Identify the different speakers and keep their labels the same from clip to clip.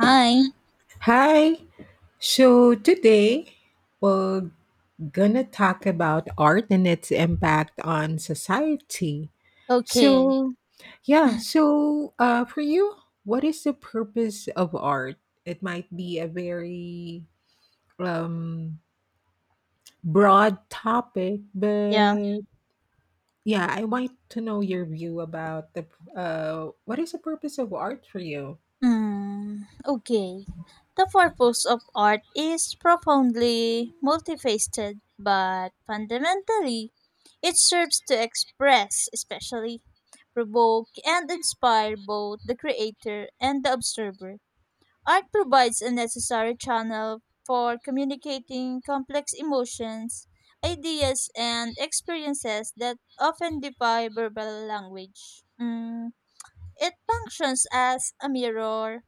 Speaker 1: Hi.
Speaker 2: Hi. So today we're gonna talk about art and its impact on society.
Speaker 1: Okay.
Speaker 2: So, yeah. So, for you, what is the purpose of art? It might be a very um broad topic,
Speaker 1: Yeah.
Speaker 2: but yeah, I want to know your view about the what is the purpose of art for you?
Speaker 1: Hmm. Okay. The purpose of art is profoundly multifaceted, but fundamentally, it serves to express, especially provoke, and inspire both the creator and the observer. Art provides a necessary channel for communicating complex emotions, ideas, and experiences that often defy verbal language. It functions as a mirror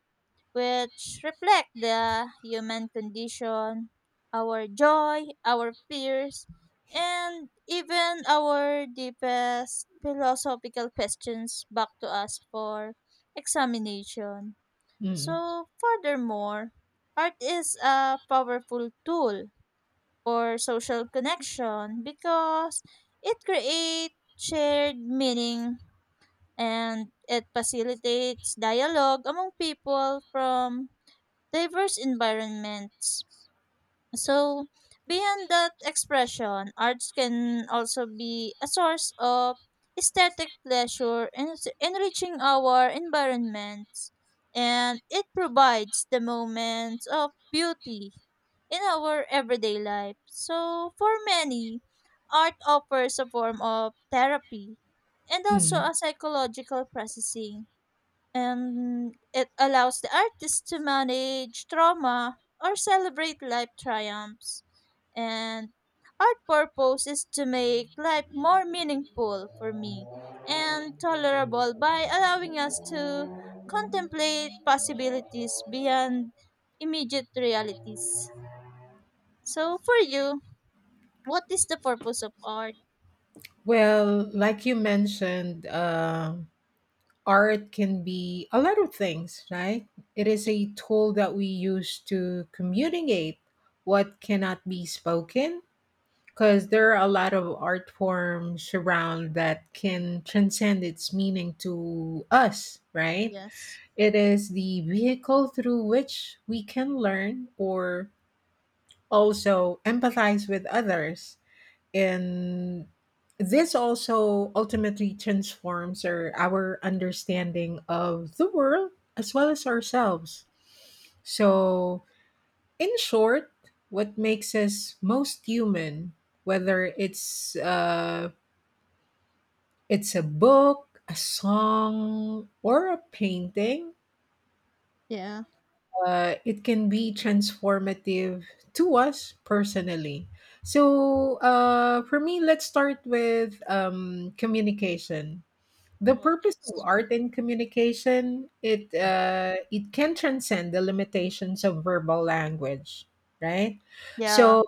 Speaker 1: which reflect the human condition, our joy, our fears, and even our deepest philosophical questions back to us for examination. So, furthermore, art is a powerful tool for social connection because it creates shared meaning and it facilitates dialogue among people from diverse environments. So, beyond that expression, arts can also be a source of aesthetic pleasure, enriching our environments, and it provides the moments of beauty in our everyday life. So, for many, art offers a form of therapy and also
Speaker 2: Mm-hmm.
Speaker 1: a psychological processing and it allows the artist to manage trauma or celebrate life triumphs. And art purpose is to make life more meaningful for me and tolerable by allowing us to contemplate possibilities beyond immediate realities. So for you, what is the purpose of art?
Speaker 2: Well, like you mentioned, art can be a lot of things, right? It is a tool that we use to communicate what cannot be spoken because there are a lot of art forms around that can transcend its meaning to us, right?
Speaker 1: Yes.
Speaker 2: It is the vehicle through which we can learn or also empathize with others, and this also ultimately transforms our understanding of the world as well as ourselves. So, in short, what makes us most human, whether it's a book, a song, or a painting,
Speaker 1: Yeah.
Speaker 2: it can be transformative to us personally. So, for me, let's start with communication. The
Speaker 1: Oh,
Speaker 2: purpose of
Speaker 1: yes.
Speaker 2: art in communication, it can transcend the limitations of verbal language, right?
Speaker 1: Yeah.
Speaker 2: So,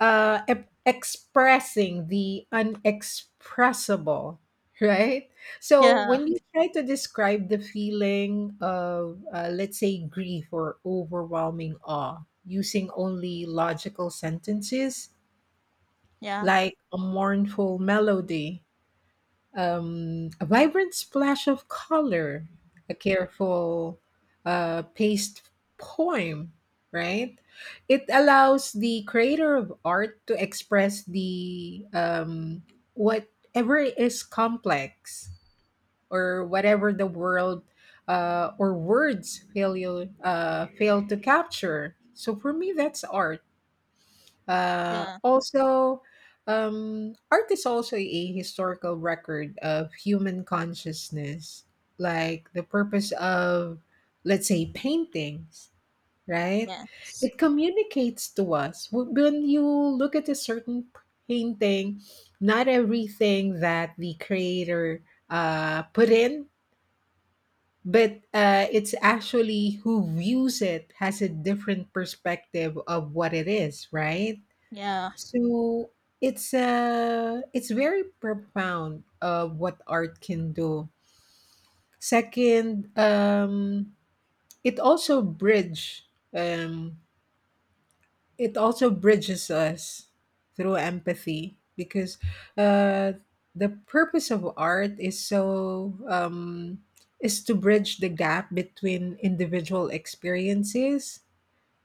Speaker 2: expressing the unexpressible, right? So,
Speaker 1: Yeah.
Speaker 2: when you try to describe the feeling of, let's say, grief or overwhelming awe, using only logical sentences,
Speaker 1: Yeah.
Speaker 2: like a mournful melody, a vibrant splash of color, a careful, paced poem, right? It allows the creator of art to express the, whatever is complex, or whatever the world or words fail you, fail to capture. So for me, that's art uh,
Speaker 1: Yeah.
Speaker 2: also, um, art is also a historical record of human consciousness, like the purpose of, let's say, paintings, right?
Speaker 1: Yes.
Speaker 2: It communicates to us. When you look at a certain painting, not everything that the creator put in, but it's actually who views it has a different perspective of what it is, right?
Speaker 1: Yeah.
Speaker 2: So it's very profound of what art can do. Second, it also bridge um it also bridges us through empathy, because uh the purpose of art is to bridge the gap between individual experiences.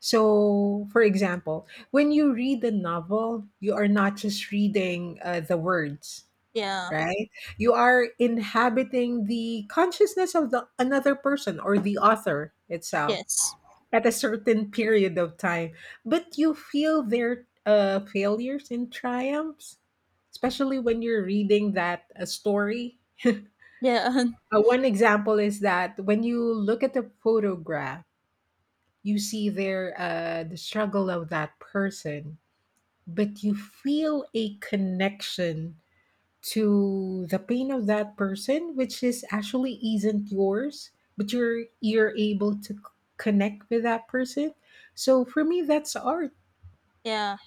Speaker 2: So, for example, when you read the novel, you are not just reading the words,
Speaker 1: Yeah.
Speaker 2: right? You are inhabiting the consciousness of the another person or the author itself
Speaker 1: Yes.
Speaker 2: at a certain period of time, but you feel their, failures and triumphs, especially when you're reading that, story.
Speaker 1: Yeah.
Speaker 2: One example is that when you look at the photograph, you see the struggle of that person, but you feel a connection to the pain of that person which is actually isn't yours, but you're able to connect with that person. So for me, that's art.
Speaker 1: Yeah.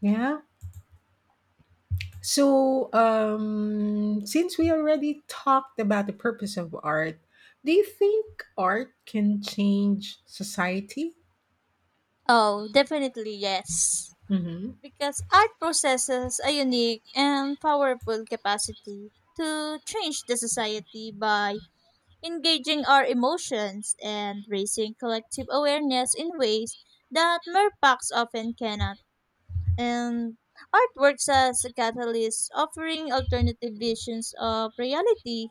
Speaker 2: Yeah. So, since we already talked about the purpose of art, do you think art can change society?
Speaker 1: Oh, definitely yes.
Speaker 2: Mm-hmm.
Speaker 1: Because art possesses a unique and powerful capacity to change the society by engaging our emotions and raising collective awareness in ways that mere facts often cannot. And art works as a catalyst, offering alternative visions of reality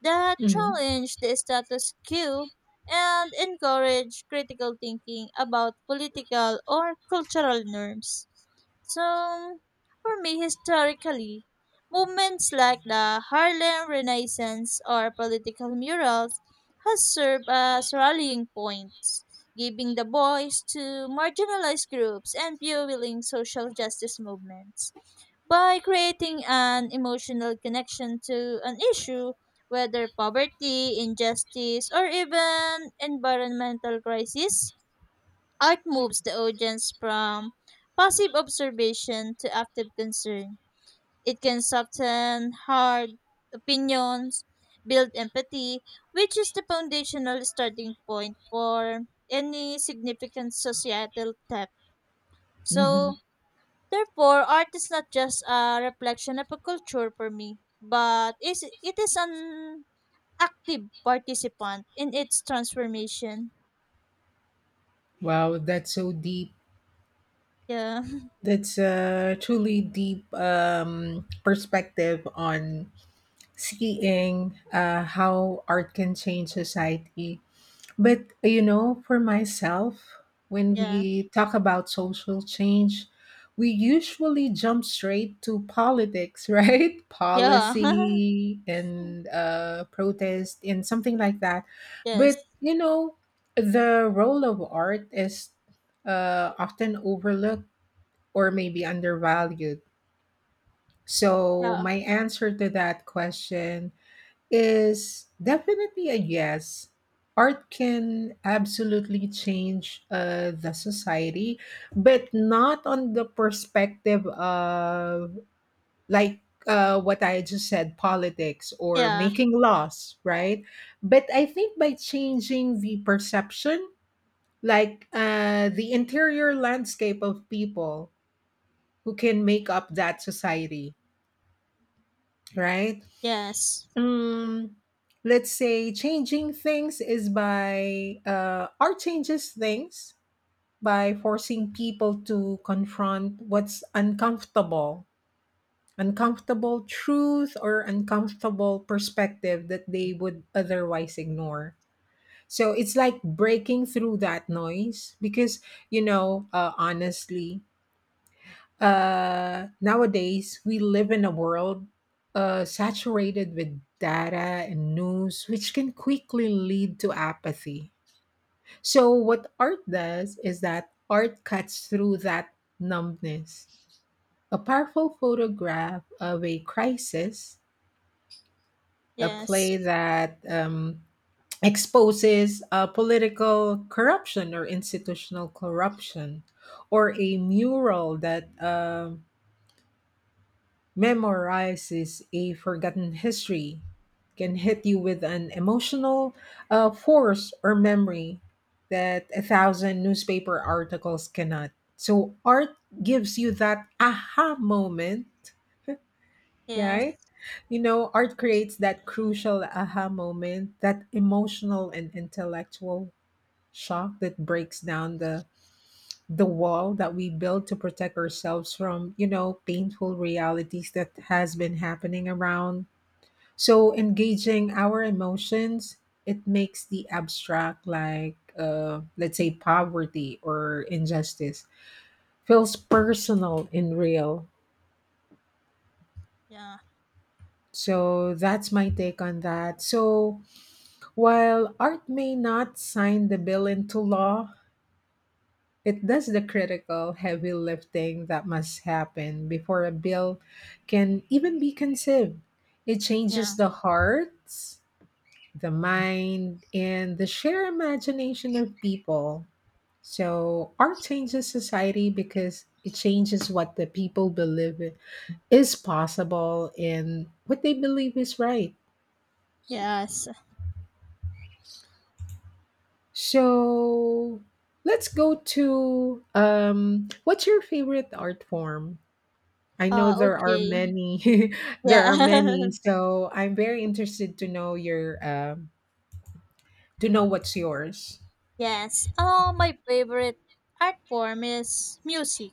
Speaker 1: that
Speaker 2: Mm-hmm.
Speaker 1: challenge the status quo and encourage critical thinking about political or cultural norms. So, for me, historically, movements like the Harlem Renaissance or political murals has served as rallying points, giving the voice to marginalized groups and fueling social justice movements by creating an emotional connection to an issue, whether poverty, injustice, or even environmental crisis. Art moves the audience from passive observation to active concern. It can soften hard opinions, build empathy, which is the foundational starting point for any significant societal step.
Speaker 2: Mm-hmm.
Speaker 1: So, therefore, art is not just a reflection of a culture for me, but is it is an active participant in its transformation.
Speaker 2: Wow, that's so deep.
Speaker 1: Yeah,
Speaker 2: That's a truly deep, perspective on seeing, how art can change society. But, you know, for myself, when
Speaker 1: yeah,
Speaker 2: we talk about social change, we usually jump straight to politics, right?
Speaker 1: yeah,
Speaker 2: Policy and, protest and something like that. But,
Speaker 1: yes,
Speaker 2: you know, the role of art is, often overlooked or maybe undervalued? So,
Speaker 1: yeah,
Speaker 2: my answer to that question is definitely a yes. Art can absolutely change, the society, but not on the perspective of, like, what I just said, politics or
Speaker 1: yeah,
Speaker 2: making laws, right? But I think by changing the perception, like, the interior landscape of people who can make up that society, right?
Speaker 1: yes,
Speaker 2: Um, let's say changing things is by, art changes things by forcing people to confront what's uncomfortable, uncomfortable truth or uncomfortable perspective that they would otherwise ignore. So it's like breaking through that noise because, honestly, nowadays we live in a world, saturated with data and news, which can quickly lead to apathy. So, what art does is that art cuts through that numbness. A powerful photograph of a crisis, a
Speaker 1: yes,
Speaker 2: play that, exposes, political corruption or institutional corruption, or a mural that memorizes a forgotten history, can hit you with an emotional, force or memory that a thousand newspaper articles cannot. So art gives you that aha moment, yeah,
Speaker 1: yes,
Speaker 2: right? You know, art creates that crucial aha moment, that emotional and intellectual shock that breaks down the wall that we build to protect ourselves from, painful realities that has been happening around. So engaging our emotions, it makes the abstract, like, let's say poverty or injustice, feels personal and real.
Speaker 1: yeah,
Speaker 2: So that's my take on that. So while art may not sign the bill into law, it does the critical heavy lifting that must happen before a bill can even be conceived. It
Speaker 1: yeah,
Speaker 2: changes the hearts, the mind, and the sheer imagination of people. So, art changes society because it changes what the people believe is possible and what they believe is right.
Speaker 1: yes.
Speaker 2: So, let's go to, what's your favorite art form? I know there are
Speaker 1: Okay,
Speaker 2: many. there are
Speaker 1: yeah,
Speaker 2: many. So I'm very interested to know your, to know what's yours.
Speaker 1: yes. Oh, my favorite art form is music,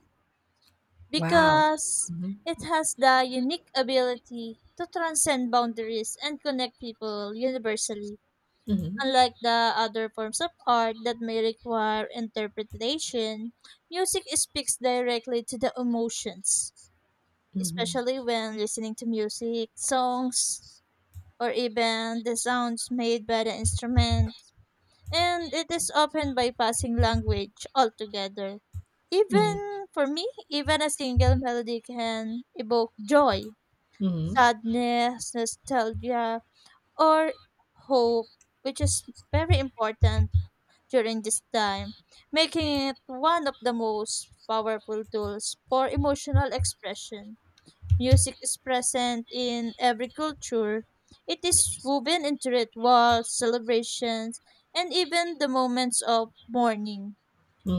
Speaker 2: Wow.
Speaker 1: because
Speaker 2: Mhm.
Speaker 1: it has the unique ability to transcend boundaries and connect people universally,
Speaker 2: Mhm.
Speaker 1: unlike the other forms of art that may require interpretation. Music speaks directly to the emotions,
Speaker 2: Mhm.
Speaker 1: especially when listening to music, songs, or even the sounds made by the instrument and it is often bypassing language altogether.
Speaker 2: Mhm.
Speaker 1: Even for me, even a single melody can evoke joy,
Speaker 2: Mhm.
Speaker 1: sadness, nostalgia, or hope, which is very important during this time, making it one of the most powerful tools for emotional expression. Music is present in every culture. It is woven into rituals, celebrations, and even the moments of mourning.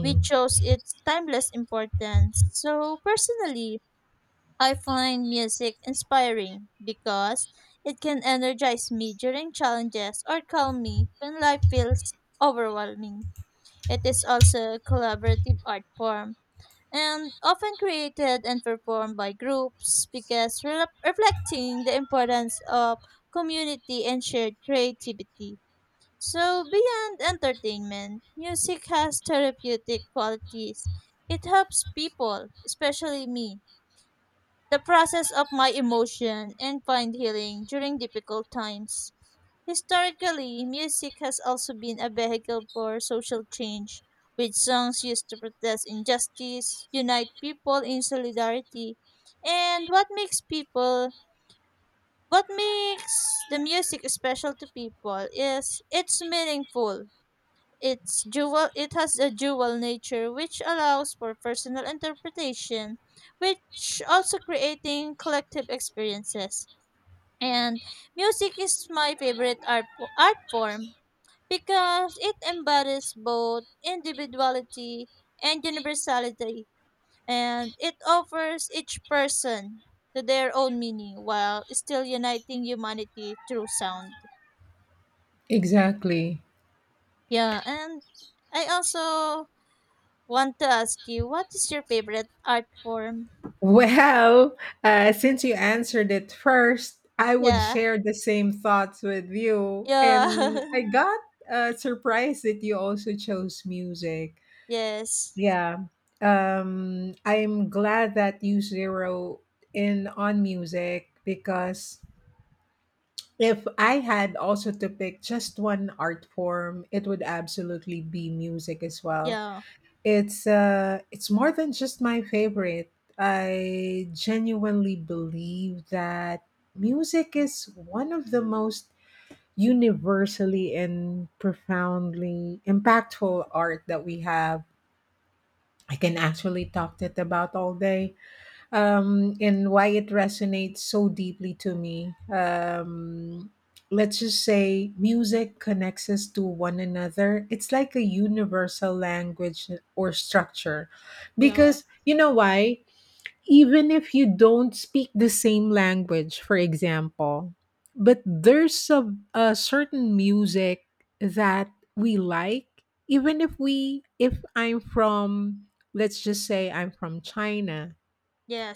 Speaker 1: We chose its timeless importance. So, personally, I find music inspiring because it can energize me during challenges or calm me when life feels overwhelming. It is also a collaborative art form and often created and performed by groups because reflecting the importance of community and shared creativity. So, beyond entertainment, music has therapeutic qualities. It helps people, especially me, the process of my emotion and find healing during difficult times. Historically, music has also been a vehicle for social change, with songs used to protest injustice, unite people in solidarity. And what makes the music special to people is it's meaningful. It has a dual nature which allows for personal interpretation, which also creating collective experiences. And music is my favorite art form because it embodies both individuality and universality, and it offers each person to their own meaning while still uniting humanity through sound.
Speaker 2: Exactly.
Speaker 1: Yeah, and I also want to ask you what is your favorite art form?
Speaker 2: Well, since you answered it first, I would
Speaker 1: Yeah,
Speaker 2: share the same thoughts with you,
Speaker 1: yeah,
Speaker 2: and I got, surprised that you also chose music.
Speaker 1: yes,
Speaker 2: Yeah. I'm glad that you zero in on music because if I had also to pick just one art form, it would absolutely be music as well.
Speaker 1: yeah,
Speaker 2: It's, it's more than just my favorite. I genuinely believe that music is one of the most universally and profoundly impactful art that we have. I can actually talk it about all day, and why it resonates so deeply to me. Let's just say music connects us to one another. It's like a universal language or structure,
Speaker 1: yeah,
Speaker 2: because, you know why, even if you don't speak the same language, for example. But there's a certain music that we like, even if I'm from, let's just say I'm from China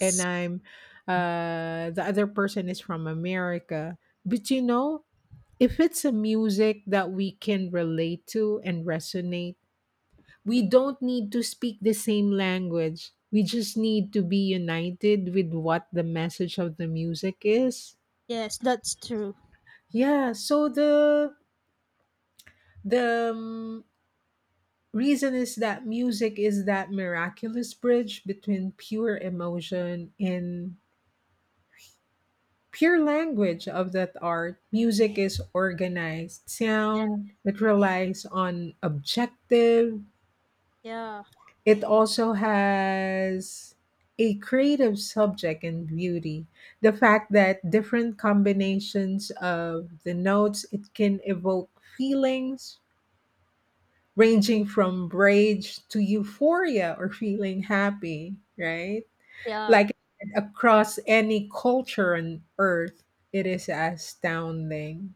Speaker 2: and the other person is from America. But you know, if it's a music that we can relate to and resonate, we don't need to speak the same language. We just need to be united with what the message of the music is.
Speaker 1: yes, that's true.
Speaker 2: Yeah, so the reason is that music is that miraculous bridge between pure emotion and pure language of that art. Music is organized
Speaker 1: Yeah,
Speaker 2: sound. It relies on objective.
Speaker 1: yeah,
Speaker 2: It also has a creative subject and beauty. The fact that different combinations of the notes, it can evoke feelings ranging from rage to euphoria or feeling happy, right?
Speaker 1: yeah,
Speaker 2: Like across any culture on earth, it is astounding.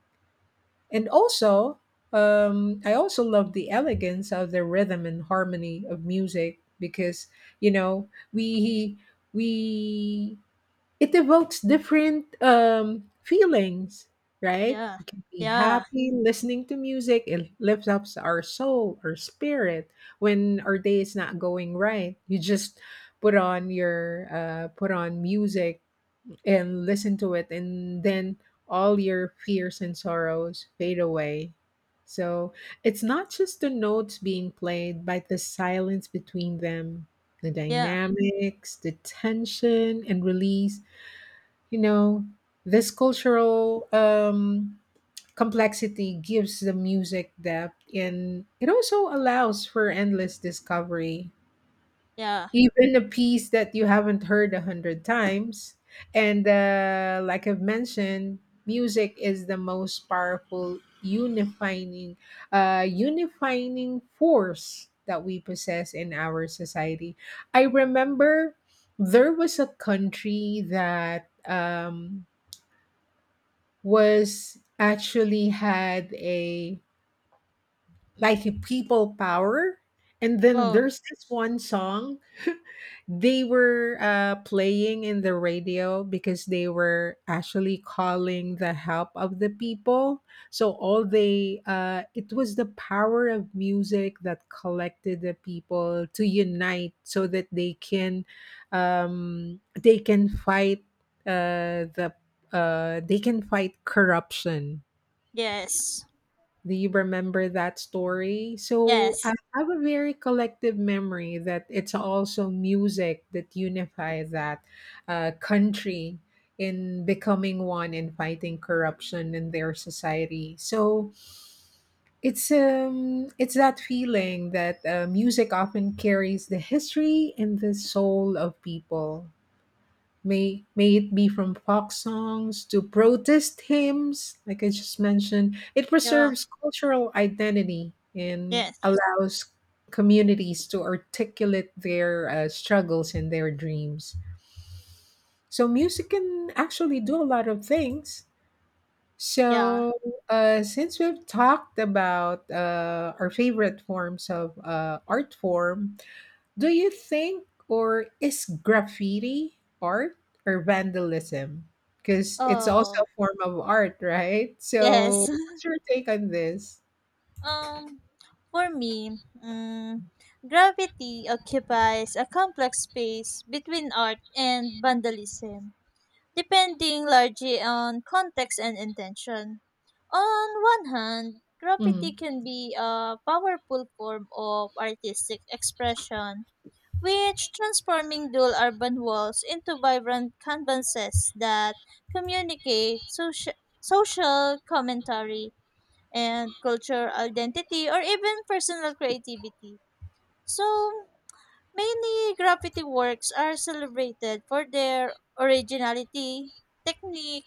Speaker 2: And also, I also love the elegance of the rhythm and harmony of music because, you know, we it evokes different, feelings, right?
Speaker 1: yeah,
Speaker 2: We can be
Speaker 1: yeah,
Speaker 2: happy listening to music. It lifts up our soul, our spirit when our day is not going right. You just put on music and listen to it and then all your fears and sorrows fade away. So it's not just the notes being played but the silence between them, the
Speaker 1: yeah,
Speaker 2: dynamics, the tension and release, you know, this cultural complexity gives the music depth, and it also allows for endless discovery,
Speaker 1: yeah.
Speaker 2: even a piece that you haven't heard a hundred times. And like I've mentioned, music is the most powerful unifying force that we possess in our society. I remember there was a country that, was actually had a, like, a people power, and then
Speaker 1: Oh,
Speaker 2: there's this one song. They were, playing in the radio because they were actually calling the help of the people. So it was the power of music that collected the people to unite, so that they can uh, the, fight corruption.
Speaker 1: yes.
Speaker 2: Do you remember that story? So I
Speaker 1: Yes.
Speaker 2: have a very collective memory that it's also music that unifies that, country in becoming one and fighting corruption in their society. So it's that feeling that, music often carries the history and the soul of people, may it be from folk songs to protest hymns, like I just mentioned. It
Speaker 1: Yeah.
Speaker 2: preserves cultural identity and
Speaker 1: Yes.
Speaker 2: allows communities to articulate their, struggles and their dreams. So music can actually do a lot of things.
Speaker 1: Yeah.
Speaker 2: So, since we've talked about, our favorite forms of, art form, do you think, or is graffiti art or vandalism? Because it's
Speaker 1: Oh,
Speaker 2: also a form of art, right? So,
Speaker 1: yes.
Speaker 2: what's your take on this?
Speaker 1: Um, for me, gravity occupies a complex space between art and vandalism, depending largely on context and intention. On one hand, graffiti
Speaker 2: Mm.
Speaker 1: can be a powerful form of artistic expression which transforming dual urban walls into vibrant canvases that communicate social commentary and cultural identity or even personal creativity. So, many graffiti works are celebrated for their originality, technique,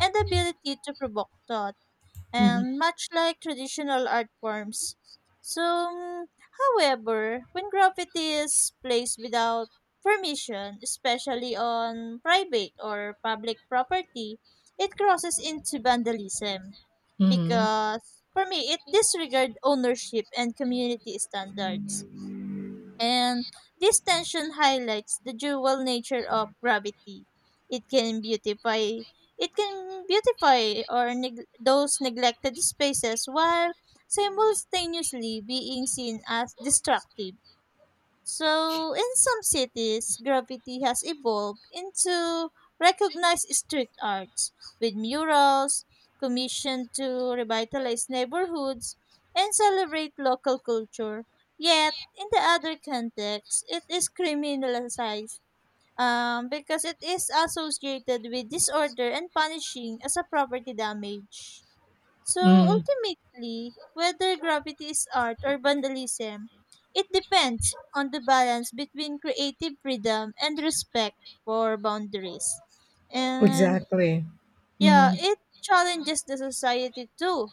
Speaker 1: and ability to provoke thought
Speaker 2: Mhm.
Speaker 1: and much like traditional art forms. So, however, when graffiti is placed without permission, especially on private or public property, it crosses into vandalism
Speaker 2: Mhm.
Speaker 1: because for me it disregards ownership and community standards and this tension highlights the dual nature of gravity. It can beautify it can beautify or those neglected spaces while simultaneously being seen as destructive. So, in some cities, graffiti has evolved into recognized street arts with murals commissioned to revitalize neighborhoods and celebrate local culture. Yet, in the other context, it is criminalized because it is associated with disorder and punishing as a property damage. So
Speaker 2: Mm.
Speaker 1: ultimately, whether graffiti is art or vandalism, it depends on the balance between creative freedom and respect for boundaries. And
Speaker 2: Exactly.
Speaker 1: yeah,
Speaker 2: Mm.
Speaker 1: it challenges the society too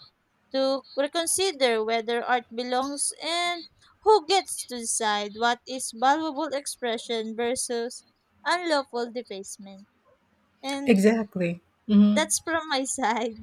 Speaker 1: to reconsider whether art belongs and who gets to decide what is valuable expression versus unlawful defacement. And
Speaker 2: Exactly. Mhm.
Speaker 1: that's from my side.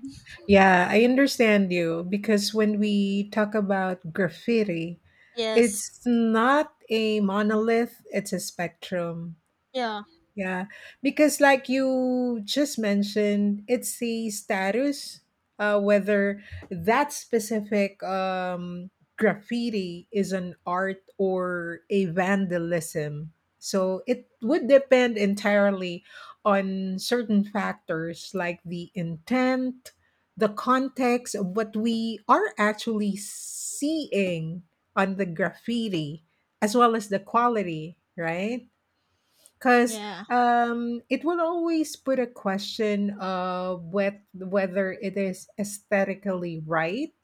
Speaker 2: Yeah, I understand you, because when we talk about graffiti,
Speaker 1: Yes.
Speaker 2: it's not a monolith, it's a spectrum.
Speaker 1: Yeah.
Speaker 2: Yeah, because like you just mentioned, it's the status, whether that specific, graffiti is an art or a vandalism. So it would depend entirely on certain factors like the intent, the context of what we are actually seeing on the graffiti, as well as the quality, right? Because
Speaker 1: Yeah.
Speaker 2: it will always put a question of whether it is aesthetically right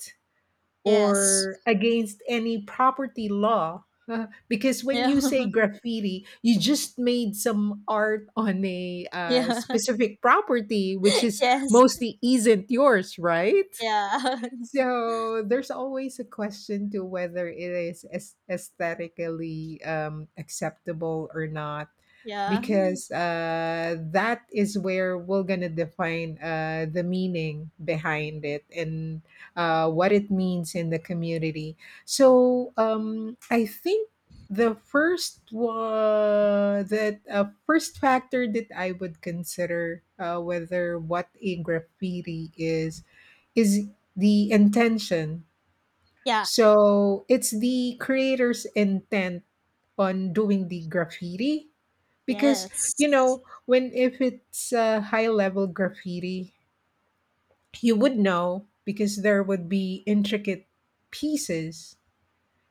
Speaker 1: Yes.
Speaker 2: or Yes. against any property law. Because when
Speaker 1: Yeah.
Speaker 2: you say graffiti, you just made some art on a
Speaker 1: Yeah.
Speaker 2: specific property, which is
Speaker 1: Yes.
Speaker 2: mostly isn't yours, right?
Speaker 1: Yeah.
Speaker 2: So there's always a question to whether it is aesthetically acceptable or not,
Speaker 1: Yeah.
Speaker 2: because that is where we're gonna define the meaning behind it and what it means in the community. So I think the first factor that I would consider whether what a graffiti is the intention.
Speaker 1: Yeah.
Speaker 2: So it's the creator's intent on doing the graffiti because
Speaker 1: Yes.
Speaker 2: you know when if it's a high level graffiti you would know because there would be intricate pieces.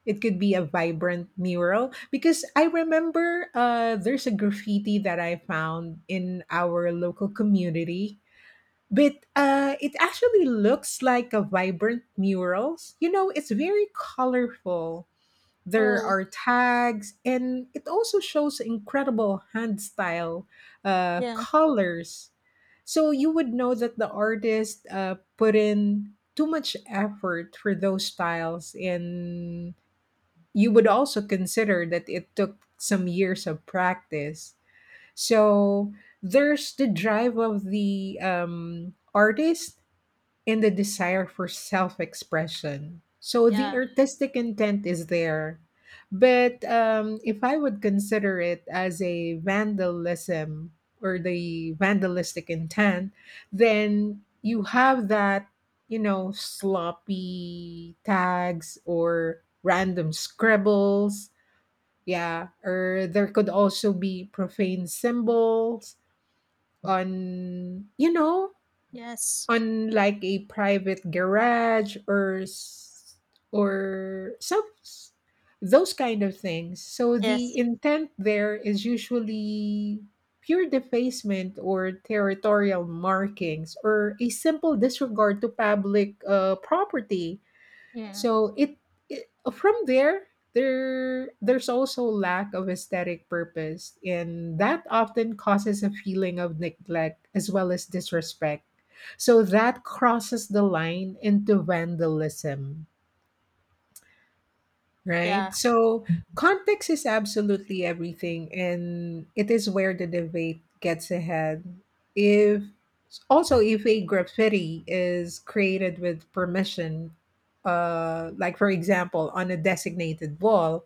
Speaker 2: It could be a vibrant mural because I remember there's a graffiti that I found in our local community, but it actually looks like a vibrant murals. You know, it's very colorful. There
Speaker 1: Oh.
Speaker 2: are tags, and it also shows incredible hand style,
Speaker 1: Yeah.
Speaker 2: colors. So you would know that the artist put in too much effort for those styles, and you would also consider that it took some years of practice. So there's the drive of the artist and the desire for self expression. So the
Speaker 1: Yeah.
Speaker 2: artistic intent is there. But if I would consider it as a vandalism or the vandalistic intent, then you have that, you know, sloppy tags or random scribbles. Yeah. Or there could also be profane symbols on, you know,
Speaker 1: Yes.
Speaker 2: unlike a private garage or s- or some s- those kind of things. So the
Speaker 1: Yes.
Speaker 2: intent there is usually pure defacement or territorial markings or a simple disregard to public property.
Speaker 1: Yeah.
Speaker 2: So it, it from there there's also lack of aesthetic purpose, and that often causes a feeling of neglect as well as disrespect. So that crosses the line into vandalism. Right?
Speaker 1: Yeah.
Speaker 2: So context is absolutely everything, and it is where the debate gets ahead. If, also, if a graffiti is created with permission, like for example on a designated wall,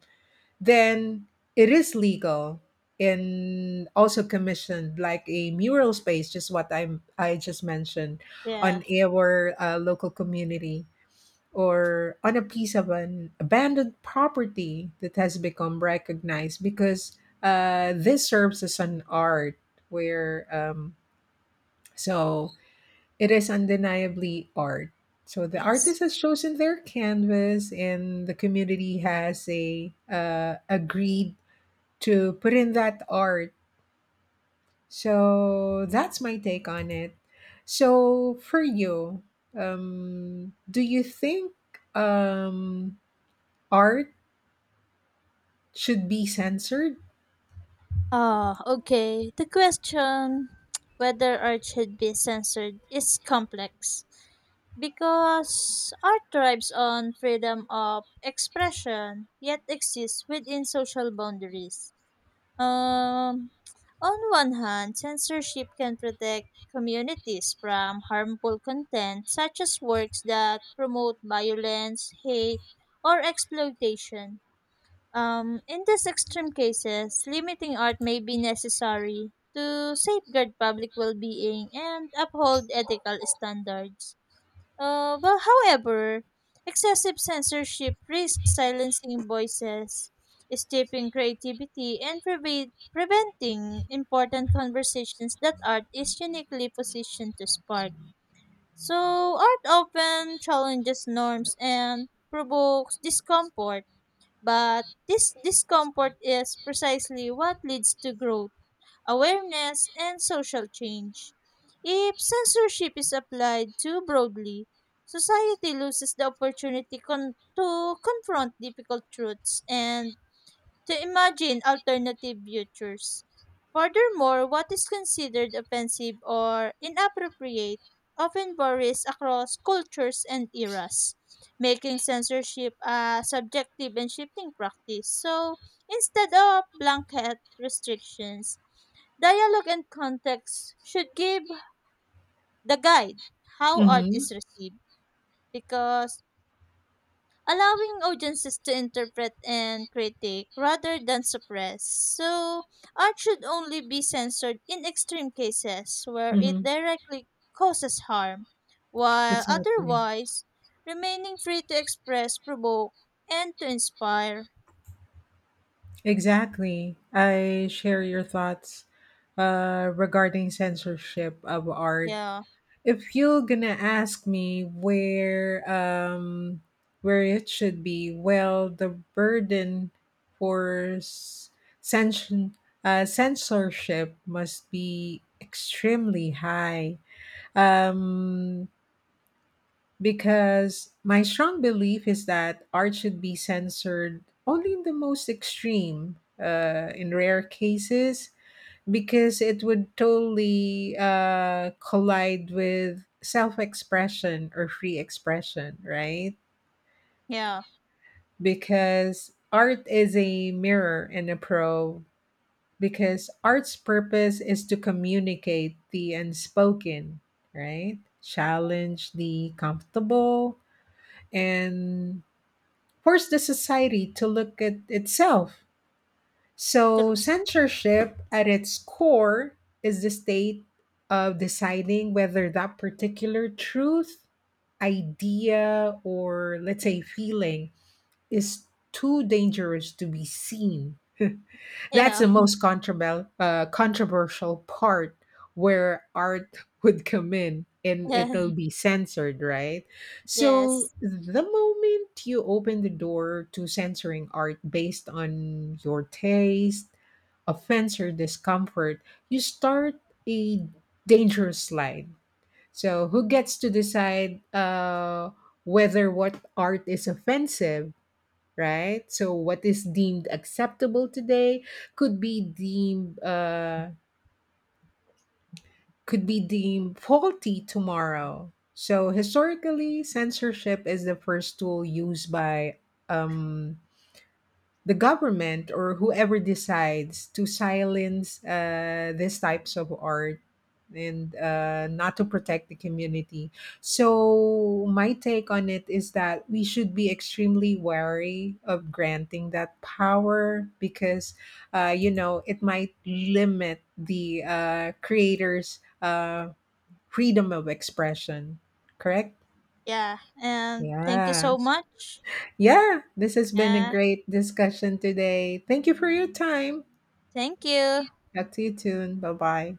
Speaker 2: then it is legal and also commissioned like a mural space, just what I just mentioned
Speaker 1: Yeah.
Speaker 2: on our local community or on a piece of an abandoned property that has become recognized because this serves as an art where so it is undeniably art. So the artist
Speaker 1: Yes.
Speaker 2: has chosen their canvas, and the community has a agreed to put in that art. So that's my take on it. So for you, do you think um, art should be censored?
Speaker 1: Ah, okay. The question whether art should be censored is complex because art thrives on freedom of expression yet exists within social boundaries. Um, on one hand, censorship can protect communities from harmful content such as works that promote violence, hate, or exploitation. In these extreme cases, limiting art may be necessary to safeguard public well being and uphold ethical standards. Well, however, excessive censorship risks silencing voices, stifling creativity, and preventing important conversations that art is uniquely positioned to spark. So, art often challenges norms and provokes discomfort, but this discomfort is precisely what leads to growth, awareness, and social change. If censorship is applied too broadly, society loses the opportunity to confront difficult truths and to imagine alternative futures. Furthermore, what is considered offensive or inappropriate often varies across cultures and eras, making censorship a subjective and shifting practice. So, instead of blanket restrictions, dialogue and context should give the guide how art
Speaker 2: Mhm,
Speaker 1: is received because allowing audiences to interpret and critique rather than suppress. So, art should only be censored in extreme cases where it
Speaker 2: mhm.
Speaker 1: directly causes harm, while
Speaker 2: Exactly.
Speaker 1: otherwise remaining free to express, provoke, and to inspire.
Speaker 2: Exactly. I share your thoughts regarding censorship of art.
Speaker 1: Yeah,
Speaker 2: If you're gonna ask me where it should be, well, the burden for censsion, censorship must be extremely high. Um, because my strong belief is that art should be censored only in the most extreme, in rare cases, because it would totally collide with self expression or free expression, right?
Speaker 1: yeah,
Speaker 2: Because art is a mirror and a probe, because art's purpose is to communicate the unspoken, right? Challenge the comfortable and forced the society to look at itself. So,
Speaker 1: true.
Speaker 2: censorship at its core is the state of deciding whether that particular truth, idea, or let's say feeling is too dangerous to be seen. That's the
Speaker 1: Yeah,
Speaker 2: most controversial controversial part where art would come in and
Speaker 1: yeah,
Speaker 2: it'll be censored, right? So
Speaker 1: yes,
Speaker 2: the moment you open the door to censoring art based on your taste, offense, or discomfort, you start a dangerous slide. So who gets to decide whether what art is offensive? Right? So what is deemed acceptable today could be deemed faulty tomorrow. So historically, censorship is the first tool used by um, the government or whoever decides to silence these types of art and not to protect the community. So my take on it is that we should be extremely wary of granting that power because you know it might limit the creators' freedom of expression. Correct?
Speaker 1: yeah. And thank you
Speaker 2: Yeah.
Speaker 1: so much.
Speaker 2: Yeah, this has been a
Speaker 1: Yeah.
Speaker 2: great discussion today. Thank you for your time.
Speaker 1: Thank you.
Speaker 2: Talk to you soon. Bye bye.